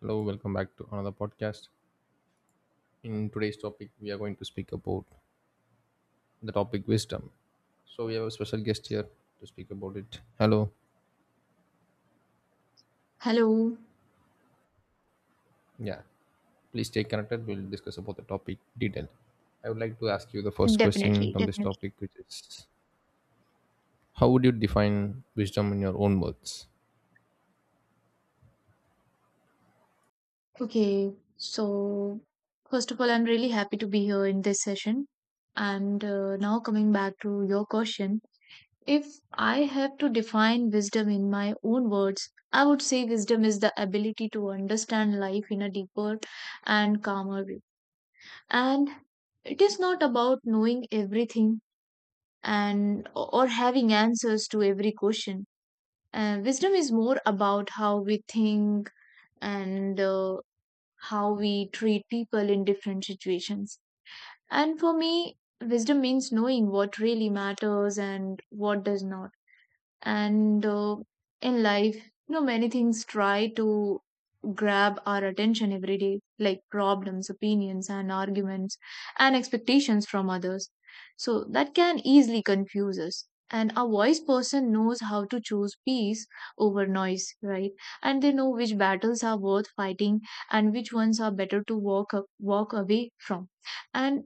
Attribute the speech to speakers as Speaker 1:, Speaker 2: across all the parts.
Speaker 1: Hello, welcome back to another podcast. In today's topic, we are going to speak about the topic wisdom. So we have a special guest here to speak about it. Hello.
Speaker 2: Hello.
Speaker 1: Yeah. Please stay connected. We'll discuss about the topic detail. I would like to ask you the first question
Speaker 2: Definitely,
Speaker 1: from this
Speaker 2: definitely.
Speaker 1: topic, which is, how would you define wisdom in your own words?
Speaker 2: Okay, so first of all, I'm really happy to be here in this session. And now, coming back to your question, if I have to define wisdom in my own words, I would say wisdom is the ability to understand life in a deeper and calmer way. And it is not about knowing everything and or having answers to every question. Wisdom is more about how we think and how we treat people in different situations. And for me, wisdom means knowing what really matters and what does not, and in life, many things try to grab our attention every day, like problems, opinions, and arguments, and expectations from others. So that can easily confuse us, and a wise person knows how to choose peace over noise, right? And they know which battles are worth fighting and which ones are better to walk away from. And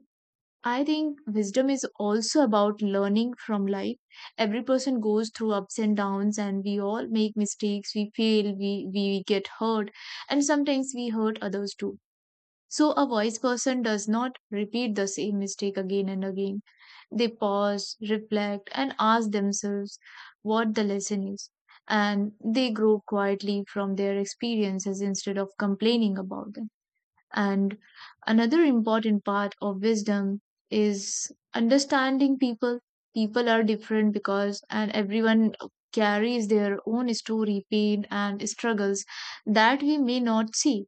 Speaker 2: I think wisdom is also about learning from life. Every person goes through ups and downs, and we all make mistakes, we fail, we get hurt, and sometimes we hurt others too. So, a wise person does not repeat the same mistake again and again. They pause, reflect, and ask themselves what the lesson is. And they grow quietly from their experiences instead of complaining about them. And another important part of wisdom is understanding people. People are different because, and everyone carries their own story, pain, and struggles that we may not see.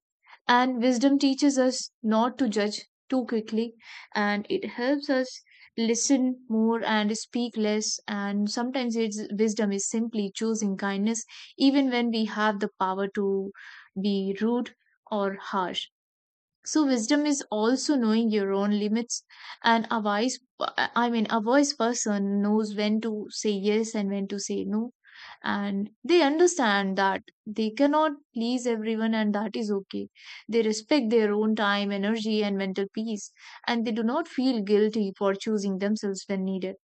Speaker 2: And wisdom teaches us not to judge too quickly, and it helps us listen more and speak less. And sometimes wisdom is simply choosing kindness, even when we have the power to be rude or harsh. So wisdom is also knowing your own limits, and a wise person knows when to say yes and when to say no, and they understand that they cannot please everyone, and that is okay. They respect their own time, energy, and mental peace, and they do not feel guilty for choosing themselves when needed.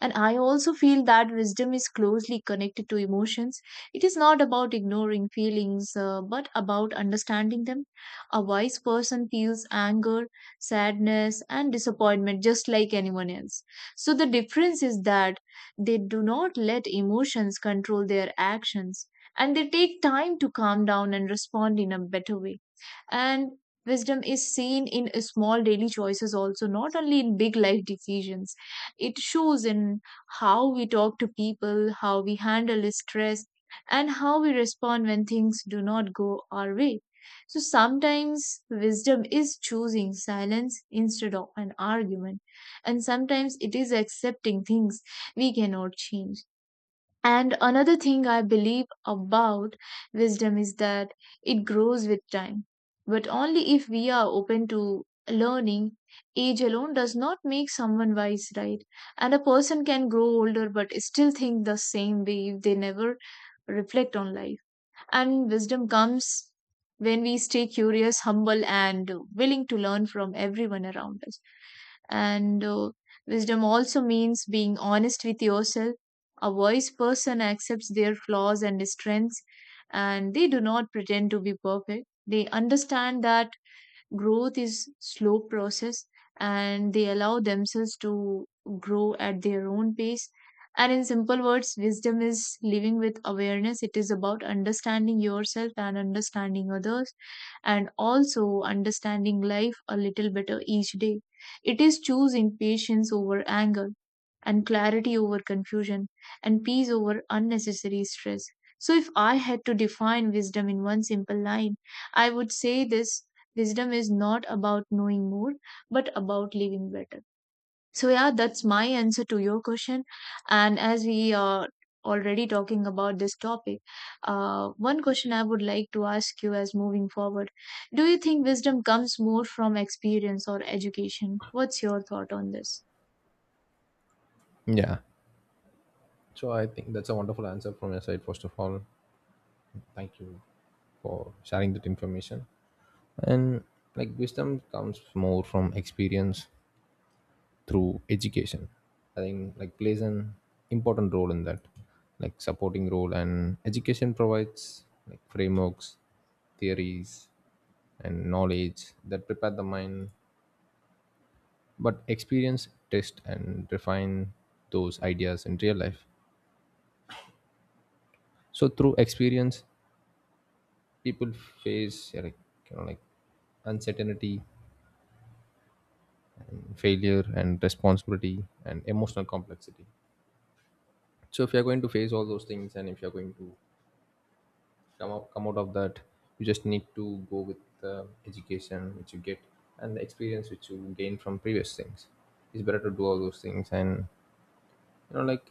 Speaker 2: And I also feel that wisdom is closely connected to emotions. It is not about ignoring feelings, but about understanding them. A wise person feels anger, sadness, and disappointment just like anyone else. So the difference is that they do not let emotions control their actions, and they take time to calm down and respond in a better way. And wisdom is seen in small daily choices also, not only in big life decisions. It shows in how we talk to people, how we handle stress, and how we respond when things do not go our way. So sometimes wisdom is choosing silence instead of an argument, and sometimes it is accepting things we cannot change. And another thing I believe about wisdom is that it grows with time, but only if we are open to learning. Age alone does not make someone wise, right? And a person can grow older but still think the same way if they never reflect on life. And wisdom comes when we stay curious, humble, and willing to learn from everyone around us. And wisdom also means being honest with yourself. A wise person accepts their flaws and strengths, and they do not pretend to be perfect. They understand that growth is slow process, and they allow themselves to grow at their own pace. And in simple words, wisdom is living with awareness. It is about understanding yourself and understanding others, and also understanding life a little better each day. It is choosing patience over anger, and clarity over confusion, and peace over unnecessary stress. So, if I had to define wisdom in one simple line, I would say this: wisdom is not about knowing more, but about living better. So, yeah, that's my answer to your question. And as we are already talking about this topic, one question I would like to ask you as moving forward: do you think wisdom comes more from experience or education? What's your thought on this?
Speaker 1: Yeah. So I think that's a wonderful answer from your side, first of all. Thank you for sharing that information. And like wisdom comes more from experience through education. I think like plays an important role in that, like supporting role. And education provides like frameworks, theories, and knowledge that prepare the mind, but experience test and refine those ideas in real life. So through experience people face, yeah, like like uncertainty, failure, and responsibility, and emotional complexity. So if you're going to face all those things, and if you're going to come out of that, you just need to go with the education which you get and the experience which you gain from previous things. It's better to do all those things. And like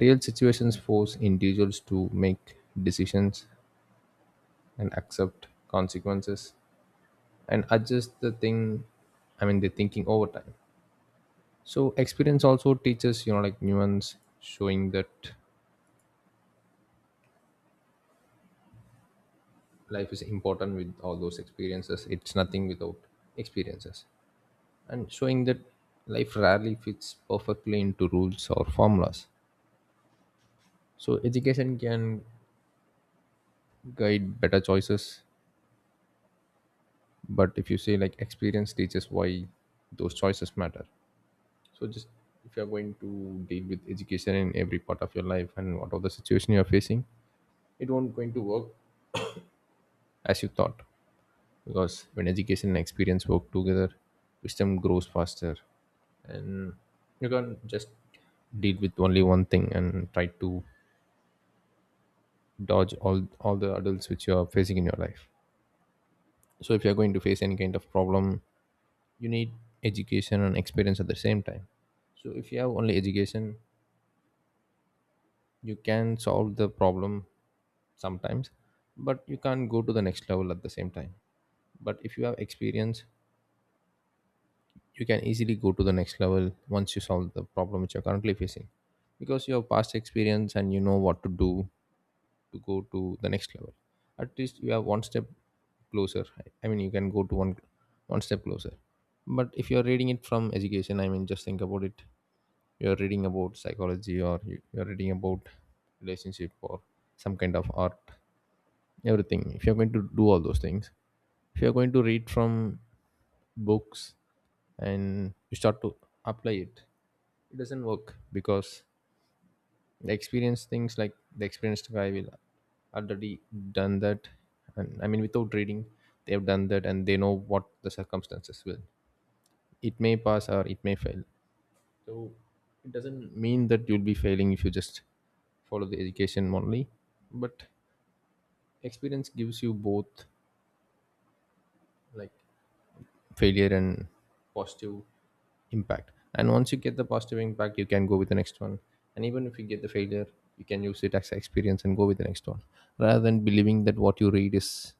Speaker 1: real situations force individuals to make decisions and accept consequences and adjust the thing, I mean the thinking, over time. So experience also teaches, like nuance, showing that life is important with all those experiences. It's nothing without experiences, and showing that life rarely fits perfectly into rules or formulas. So education can guide better choices, but if you say, like experience teaches why those choices matter. So just, if you're going to deal with education in every part of your life and whatever the situation you're facing, it won't going to work as you thought. Because when education and experience work together, wisdom grows faster, and you can't just deal with only one thing and try to dodge all the adults which you are facing in your life. So if you are going to face any kind of problem, you need education and experience at the same time. So if you have only education, you can solve the problem sometimes, but you can't go to the next level at the same time. But if you have experience, you can easily go to the next level once you solve the problem which you're currently facing, because you have past experience and you know what to do to go to the next level. At least you are one step closer. I mean, you can go to one step closer. But if you are reading it from education, I mean, just think about it. You are reading about psychology, or you are reading about relationship or some kind of art, everything. If you are going to do all those things, if you are going to read from books and you start to apply it, it doesn't work, because the experience things, like the experienced guy will already done that. And I mean, without reading, they have done that and they know what the circumstances will. It may pass or it may fail. So it doesn't mean that you'll be failing if you just follow the education only. But experience gives you both, like failure and positive impact. And once you get the positive impact, you can go with the next one. And even if you get the failure, you can use it as an experience and go with the next one, rather than believing that what you read is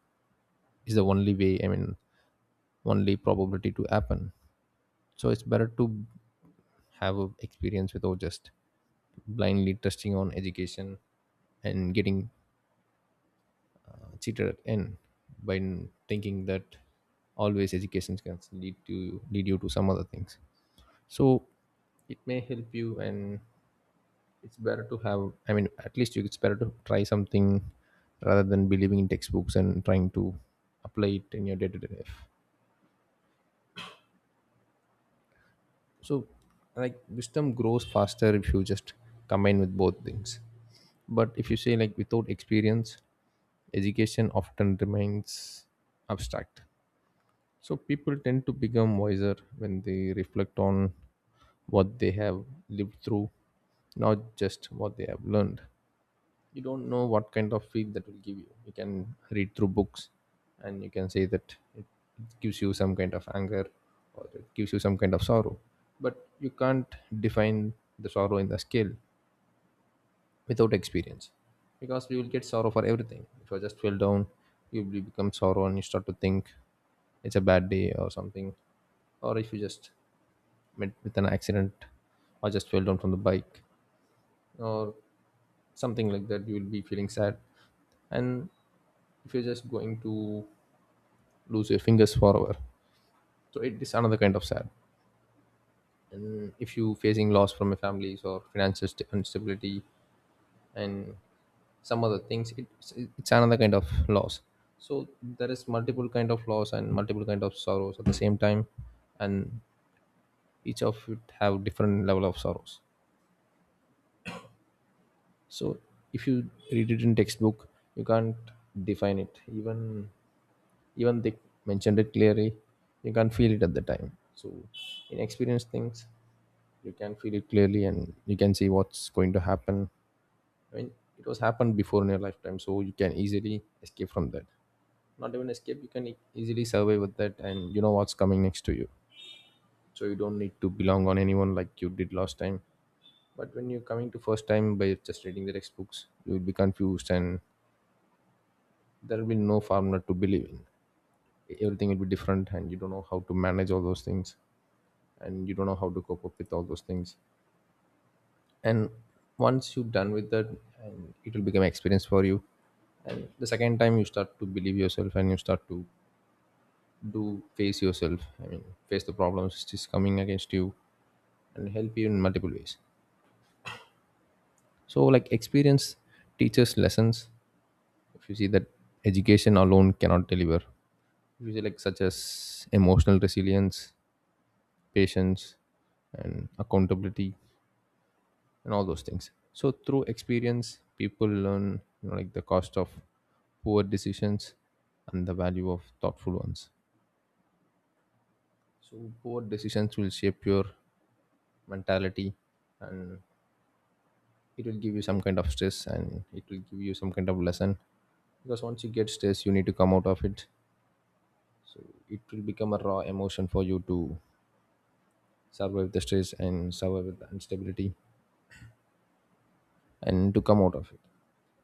Speaker 1: is the only way, I mean only probability to happen. So it's better to have a experience without just blindly trusting on education and getting cheated at end by thinking that always education can lead you to some other things. So it may help you, and it's better to have, I mean, it's better to try something rather than believing in textbooks and trying to apply it in your day-to-day life. So like wisdom grows faster if you just combine with both things. But if you say, like without experience education often remains abstract. So people tend to become wiser when they reflect on what they have lived through, not just what they have learned. You don't know what kind of feel that will give you. You can read through books and you can say that it gives you some kind of anger, or it gives you some kind of sorrow, but you can't define the sorrow in the scale without experience. Because we will get sorrow for everything. If you just feel down, you will become sorrow and you start to think it's a bad day or something. Or if you just met with an accident, or just fell down from the bike, or something like that, you will be feeling sad. And if you're just going to lose your fingers forever, so it is another kind of sad. And if you facing loss from your families or financial instability and some other things, it's another kind of loss. So there is multiple kind of loss and multiple kind of sorrows at the same time, and each of it have different level of sorrows. So if you read it in textbook, you can't define it, even they mentioned it clearly, you can't feel it at the time. So in experienced things, you can feel it clearly and you can see what's going to happen. I mean, it was happened before in your lifetime, so you can easily escape from that. Not even escape, you can easily survive with that, and you know what's coming next to you. So you don't need to belong on anyone like you did last time. But when you're coming to first time by just reading the textbooks, you will be confused, and there will be no formula to believe in. Everything will be different, and you don't know how to manage all those things, and you don't know how to cope up with all those things. And once you're done with that, and it will become experience for you. And the second time you start to believe yourself and you start to do face yourself, I mean face the problems which is coming against you and help you in multiple ways. So like experience teaches lessons if you see that education alone cannot deliver, if you see like such as emotional resilience, patience, and accountability, and all those things. So through experience people learn, like the cost of poor decisions and the value of thoughtful ones. So poor decisions will shape your mentality, and it will give you some kind of stress, and it will give you some kind of lesson. Because once you get stressed, you need to come out of it. It will become a raw emotion for you to survive the stress and survive the instability and to come out of it.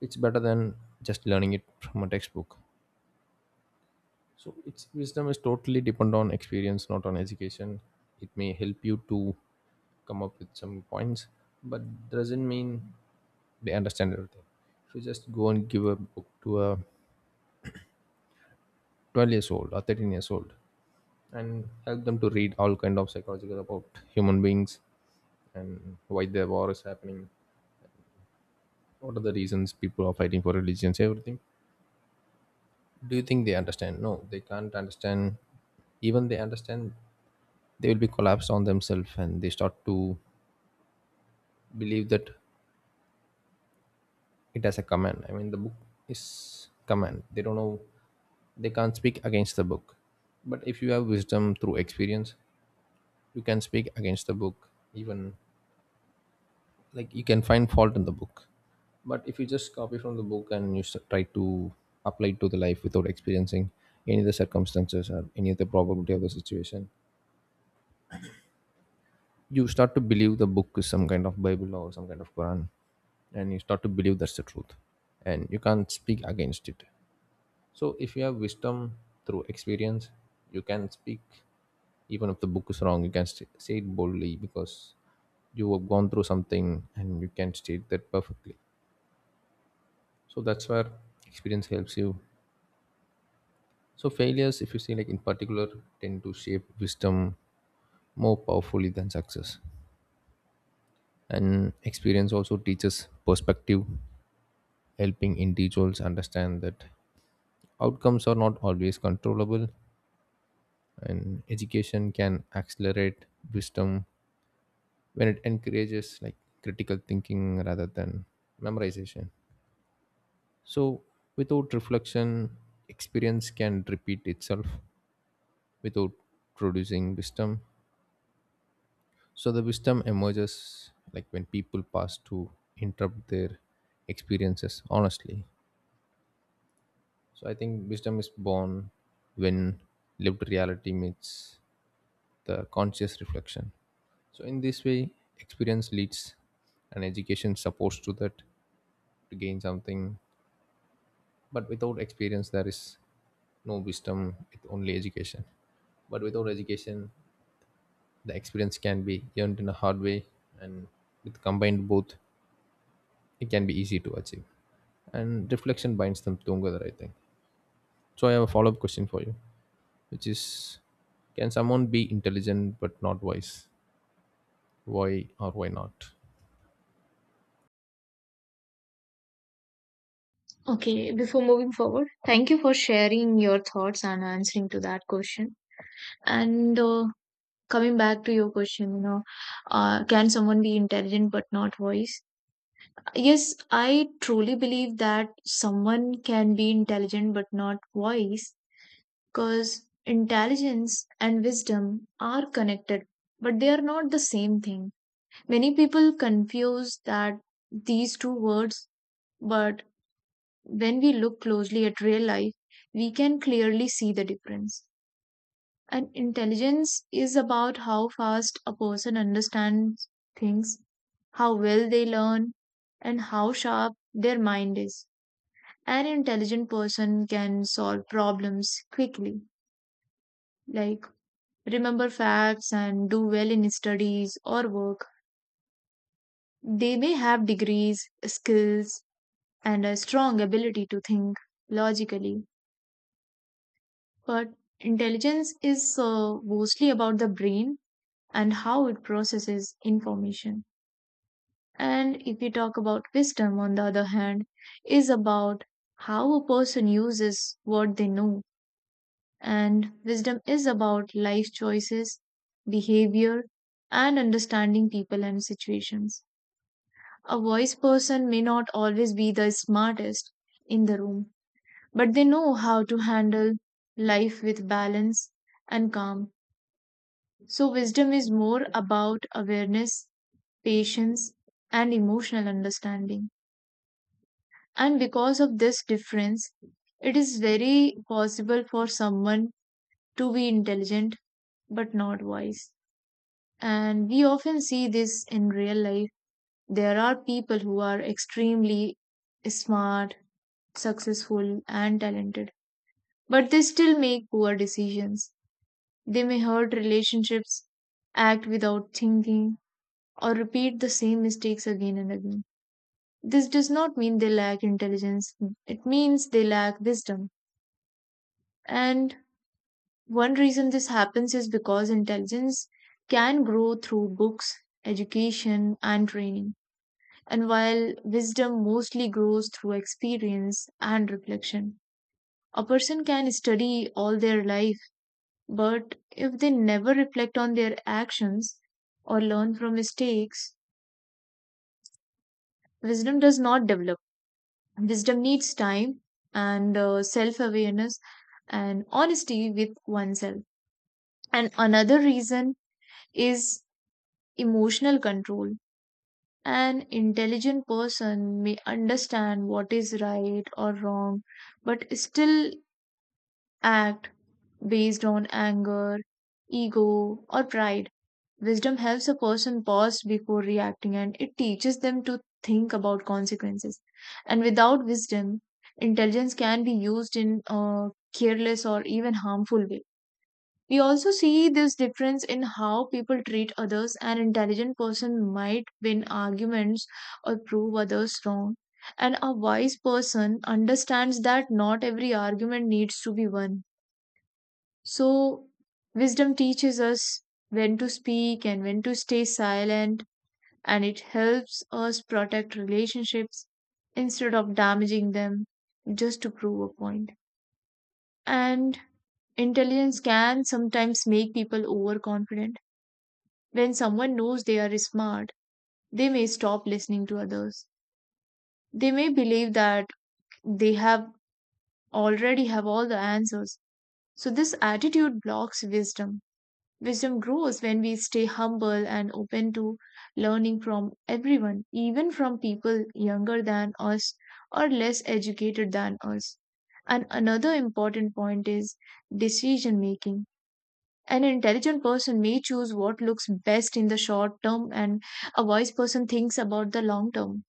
Speaker 1: It's better than just learning it from a textbook. So it's, wisdom is totally depend on experience, not on education. It may help you to come up with some points, but doesn't mean they understand everything. If you just go and give a book to a 12 years old or 13 years old and help them to read all kind of psychological about human beings, and why the war is happening, what are the reasons people are fighting for religions, everything. Do you think they understand? No, they can't understand. Even they understand, they will be collapsed on themselves and they start to believe that it has a command, I mean the book is command, they don't know, they can't speak against the book. But if you have wisdom through experience, you can speak against the book, even like you can find fault in the book. But if you just copy from the book and you try to apply it to the life without experiencing any of the circumstances or any of the probability of the situation, you start to believe the book is some kind of bible or some kind of quran, and you start to believe that's the truth, and you can't speak against it. So if you have wisdom through experience, you can speak, even if the book is wrong you can say it boldly, because you have gone through something and you can state that perfectly. So that's where experience helps you. So failures, if you see like in particular, tend to shape wisdom more powerfully than success. And experience also teaches perspective, helping individuals understand that outcomes are not always controllable. And education can accelerate wisdom when it encourages like critical thinking rather than memorization. So without reflection, experience can repeat itself without producing wisdom. So the wisdom emerges like when people pass to interpret their experiences honestly. So I think wisdom is born when lived reality meets the conscious reflection. So in this way, experience leads and education supports to that to gain something. But without experience, there is no wisdom, it's only education. But without education, the experience can be earned in a hard way and with combined both, it can be easy to achieve. And reflection binds them together, I think. So I have a follow-up question for you, which is, can someone be intelligent but not wise? Why or why not?
Speaker 2: Okay, before moving forward, thank you for sharing your thoughts and answering to that question. And coming back to your question, can someone be intelligent but not wise? Yes, I truly believe that someone can be intelligent but not wise, because intelligence and wisdom are connected, but they are not the same thing. Many people confuse that these two words, but when we look closely at real life, we can clearly see the difference. And intelligence is about how fast a person understands things, how well they learn, and how sharp their mind is. An intelligent person can solve problems quickly, like remember facts and do well in studies or work. They may have degrees, skills, and a strong ability to think logically. But intelligence is mostly about the brain and how it processes information. And if we talk about wisdom, on the other hand, is about how a person uses what they know. And wisdom is about life choices, behavior, and understanding people and situations. A wise person may not always be the smartest in the room, but they know how to handle life with balance and calm. So, wisdom is more about awareness, patience, and emotional understanding. And because of this difference, it is very possible for someone to be intelligent but not wise. And we often see this in real life. There are people who are extremely smart, successful, and talented, but they still make poor decisions. They may hurt relationships, act without thinking, or repeat the same mistakes again and again. This does not mean they lack intelligence, it means they lack wisdom. And one reason this happens is because intelligence can grow through books, education, and training, and while wisdom mostly grows through experience and reflection. A person can study all their life, but if they never reflect on their actions or learn from mistakes, wisdom does not develop. Wisdom needs time and self awareness and honesty with oneself. And another reason is emotional control. An intelligent person may understand what is right or wrong, but still act based on anger, ego, or pride. Wisdom helps a person pause before reacting, and it teaches them to think about consequences. And without wisdom, intelligence can be used in a careless or even harmful way. We also see this difference in how people treat others. An intelligent person might win arguments or prove others wrong. And a wise person understands that not every argument needs to be won. So, wisdom teaches us when to speak and when to stay silent, and it helps us protect relationships instead of damaging them just to prove a point. And intelligence can sometimes make people overconfident. When someone knows they are smart, they may stop listening to others. They may believe that they have already have all the answers. So this attitude blocks wisdom. Wisdom grows when we stay humble and open to learning from everyone, even from people younger than us or less educated than us. And another important point is decision making. An intelligent person may choose what looks best in the short term, and a wise person thinks about the long term.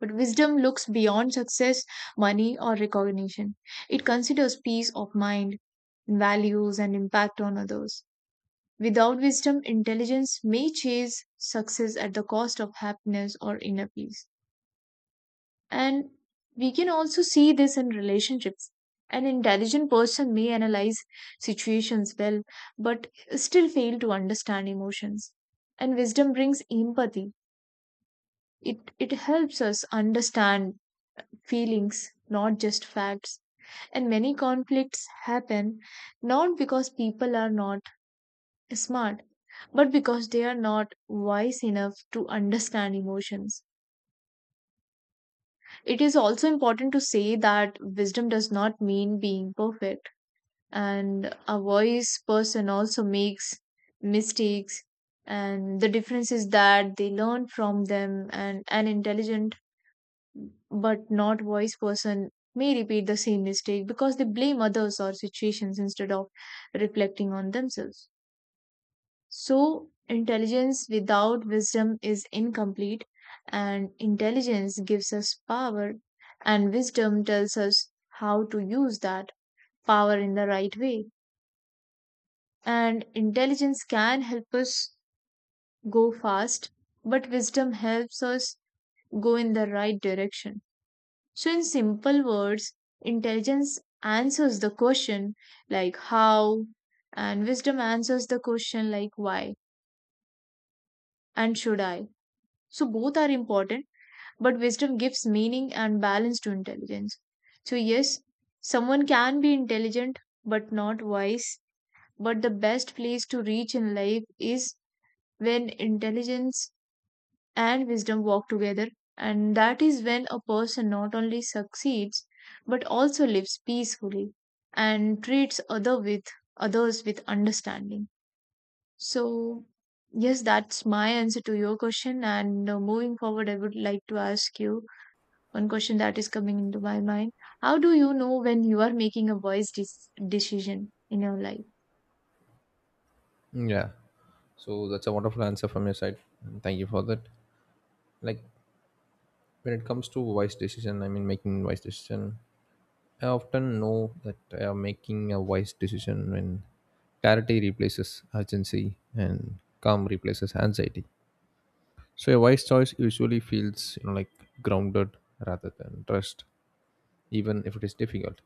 Speaker 2: But wisdom looks beyond success, money, or recognition. It considers peace of mind, values, and impact on others. Without wisdom, intelligence may chase success at the cost of happiness or inner peace. And we can also see this in relationships. An intelligent person may analyze situations well, but still fail to understand emotions. And wisdom brings empathy. It helps us understand feelings, not just facts. And many conflicts happen not because people are not smart, but because they are not wise enough to understand emotions. It is also important to say that wisdom does not mean being perfect, and a wise person also makes mistakes, and the difference is that they learn from them, and an intelligent but not wise person may repeat the same mistake because they blame others or situations instead of reflecting on themselves. So, intelligence without wisdom is incomplete, and intelligence gives us power, and wisdom tells us how to use that power in the right way. And intelligence can help us go fast, but wisdom helps us go in the right direction. So, in simple words, intelligence answers the question like how, and wisdom answers the question like why and should I. So, both are important, but wisdom gives meaning and balance to intelligence. So, yes, someone can be intelligent but not wise, but the best place to reach in life is when intelligence and wisdom walk together, and that is when a person not only succeeds but also lives peacefully and treats others with understanding. So, yes, that's my answer to your question. And moving forward, I would like to ask you one question that is coming into my mind: how do you know when you are making a wise decision in your life?
Speaker 1: Yeah. So that's a wonderful answer from your side. And thank you for that. Like, when it comes to wise decision, making wise decision. I often know that I am making a wise decision when clarity replaces urgency and calm replaces anxiety. So a wise choice usually feels like grounded rather than trust, even if it is difficult.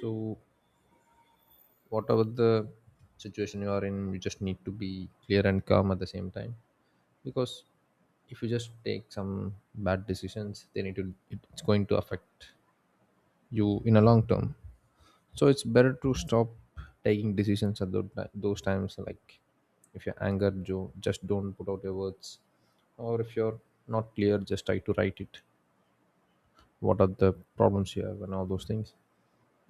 Speaker 1: So whatever the situation you are in, you just need to be clear and calm at the same time, because if you just take some bad decisions then it's going to affect you in a long term. So it's better to stop taking decisions at those times. Like, if you're just don't put out your words, or if you're not clear just try to write it, what are the problems you have and all those things.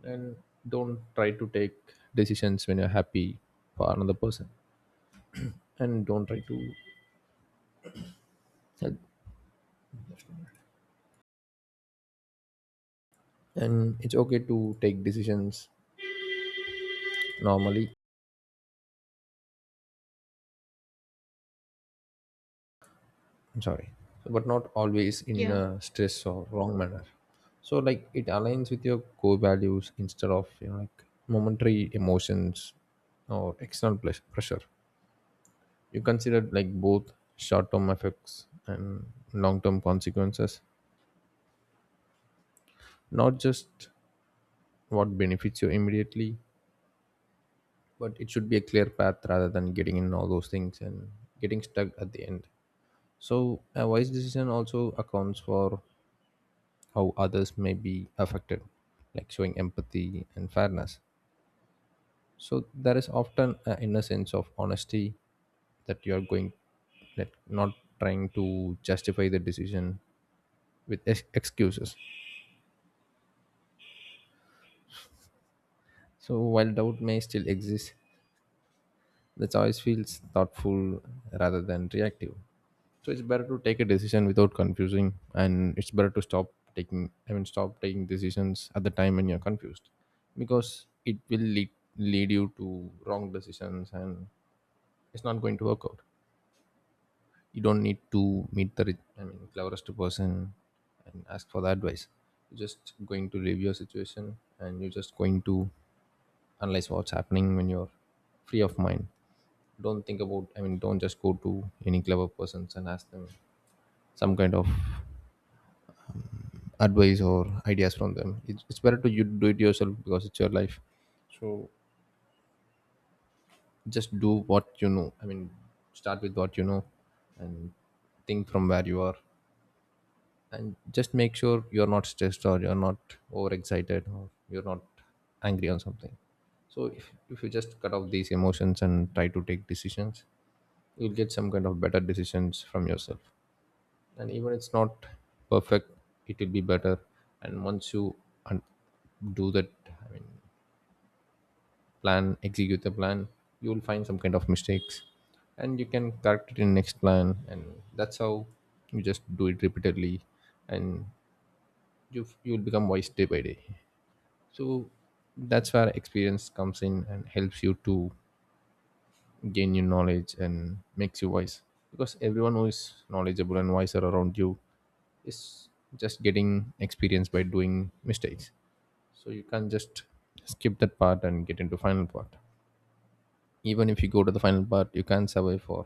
Speaker 1: And don't try to take decisions when you're happy for another person, and don't try to and it's okay to take decisions normally. I'm sorry, but not always in
Speaker 2: Yeah.
Speaker 1: a stress or wrong manner. So like it aligns with your core values instead of like momentary emotions or external pressure. You consider like both short-term effects and long-term consequences, not just what benefits you immediately, but it should be a clear path rather than getting in all those things and getting stuck at the end. So a wise decision also accounts for how others may be affected, like showing empathy and fairness. So there is often an inner sense of honesty that you are going, like not trying to justify the decision with excuses. So while doubt may still exist, the choice feels thoughtful rather than reactive. So it's better to take a decision without confusing, and it's better to stop taking, stop taking decisions at the time when you're confused, because it will lead you to wrong decisions and it's not going to work out. You don't need to meet the cleverest person and ask for the advice. You're just going to review your situation and you're just going to analyze what's happening when you're free of mind. Don't think about, don't just go to any clever persons and ask them some kind of advice or ideas from them. It's better to you do it yourself because it's your life. So just do what you know, start with what you know, and think from where you are, and just make sure you're not stressed or you're not overexcited or you're not angry on something. So if you just cut off these emotions and try to take decisions, you'll get some kind of better decisions from yourself, and even it's not perfect, it will be better. And once you un- do that, i mean plan, execute the plan, you will find some kind of mistakes and you can correct it in next plan, and that's how you just do it repeatedly. And you will become wise day by day. So that's where experience comes in and helps you to gain you knowledge and makes you wise, because everyone who is knowledgeable and wiser around you is just getting experience by doing mistakes. So you can't just skip that part and get into final part. Even if you go to the final part you can survive for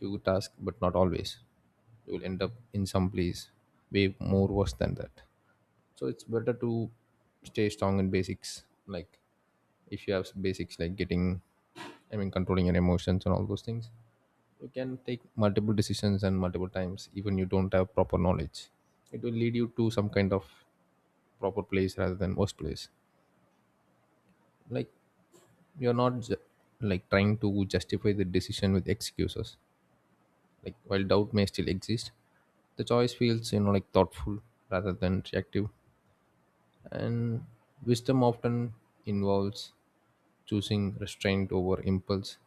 Speaker 1: few tasks but not always, you will end up in some place way more worse than that. So it's better to stay strong in basics. Like if you have basics like getting, controlling your emotions and all those things, you can take multiple decisions and multiple times even you don't have proper knowledge, it will lead you to some kind of proper place rather than worst place. Like you're not ju- like trying to justify the decision with excuses. Like while doubt may still exist, the choice feels like thoughtful rather than reactive. And wisdom often involves choosing restraint over impulse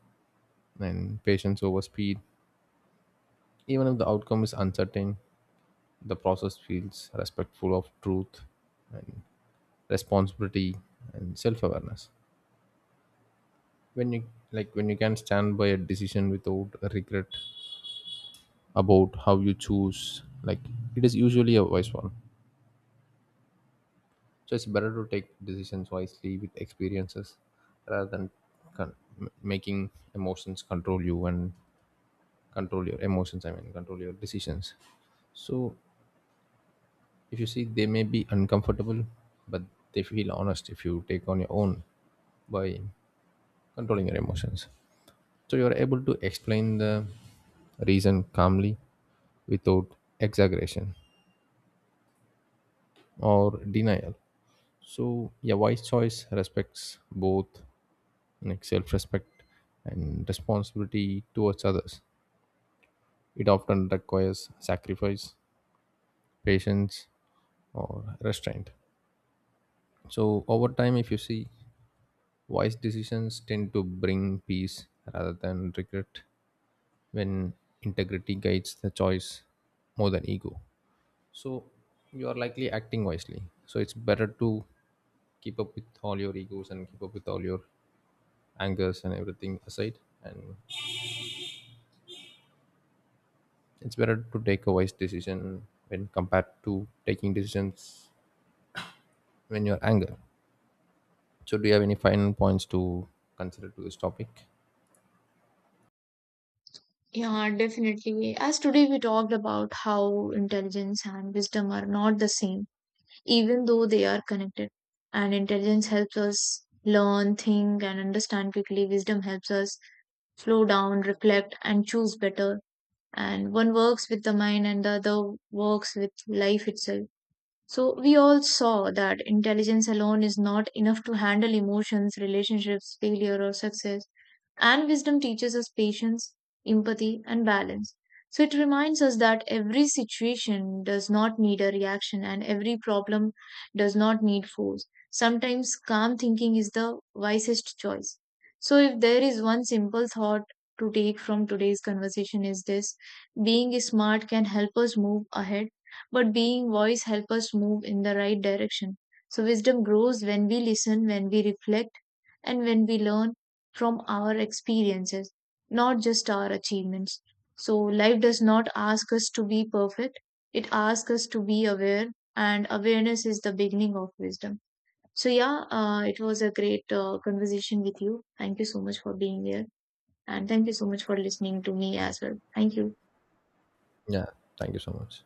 Speaker 1: and patience over speed. Even if the outcome is uncertain, the process feels respectful of truth and responsibility and self-awareness, when you, like when you can stand by a decision without a regret about how you choose, like it is usually a wise one. So it's better to take decisions wisely with experiences rather than making emotions control you, and control your emotions, control your decisions. So if you see, they may be uncomfortable, but they feel honest if you take on your own by controlling your emotions. So you are able to explain the reason calmly without exaggeration or denial. So your wise choice respects both like self-respect and responsibility towards others. It often requires sacrifice, patience, or restraint. So over time, if you see, wise decisions tend to bring peace rather than regret when integrity guides the choice more than ego. So you are likely acting wisely. So it's better to keep up with all your egos and keep up with all your angers and everything aside. And it's better to take a wise decision when compared to taking decisions when you're angry. So do you have any final points to consider to this topic?
Speaker 2: Yeah, definitely, as today we talked about how intelligence and wisdom are not the same, even though they are connected. And intelligence helps us learn, think, and understand quickly; wisdom helps us slow down, reflect, and choose better. And one works with the mind and the other works with life itself. So we all saw that intelligence alone is not enough to handle emotions, relationships, failure, or success. And wisdom teaches us patience, empathy, and balance. So it reminds us that every situation does not need a reaction and every problem does not need force. Sometimes calm thinking is the wisest choice. So if there is one simple thought to take from today's conversation is this: being smart can help us move ahead, but being wise help us move in the right direction. So wisdom grows when we listen, when we reflect, and when we learn from our experiences, not just our achievements. So, life does not ask us to be perfect, it asks us to be aware, and awareness is the beginning of wisdom. So, yeah, it was a great conversation with you. Thank you so much for being here, and thank you so much for listening to me as well. Thank you.
Speaker 1: Yeah, thank you so much.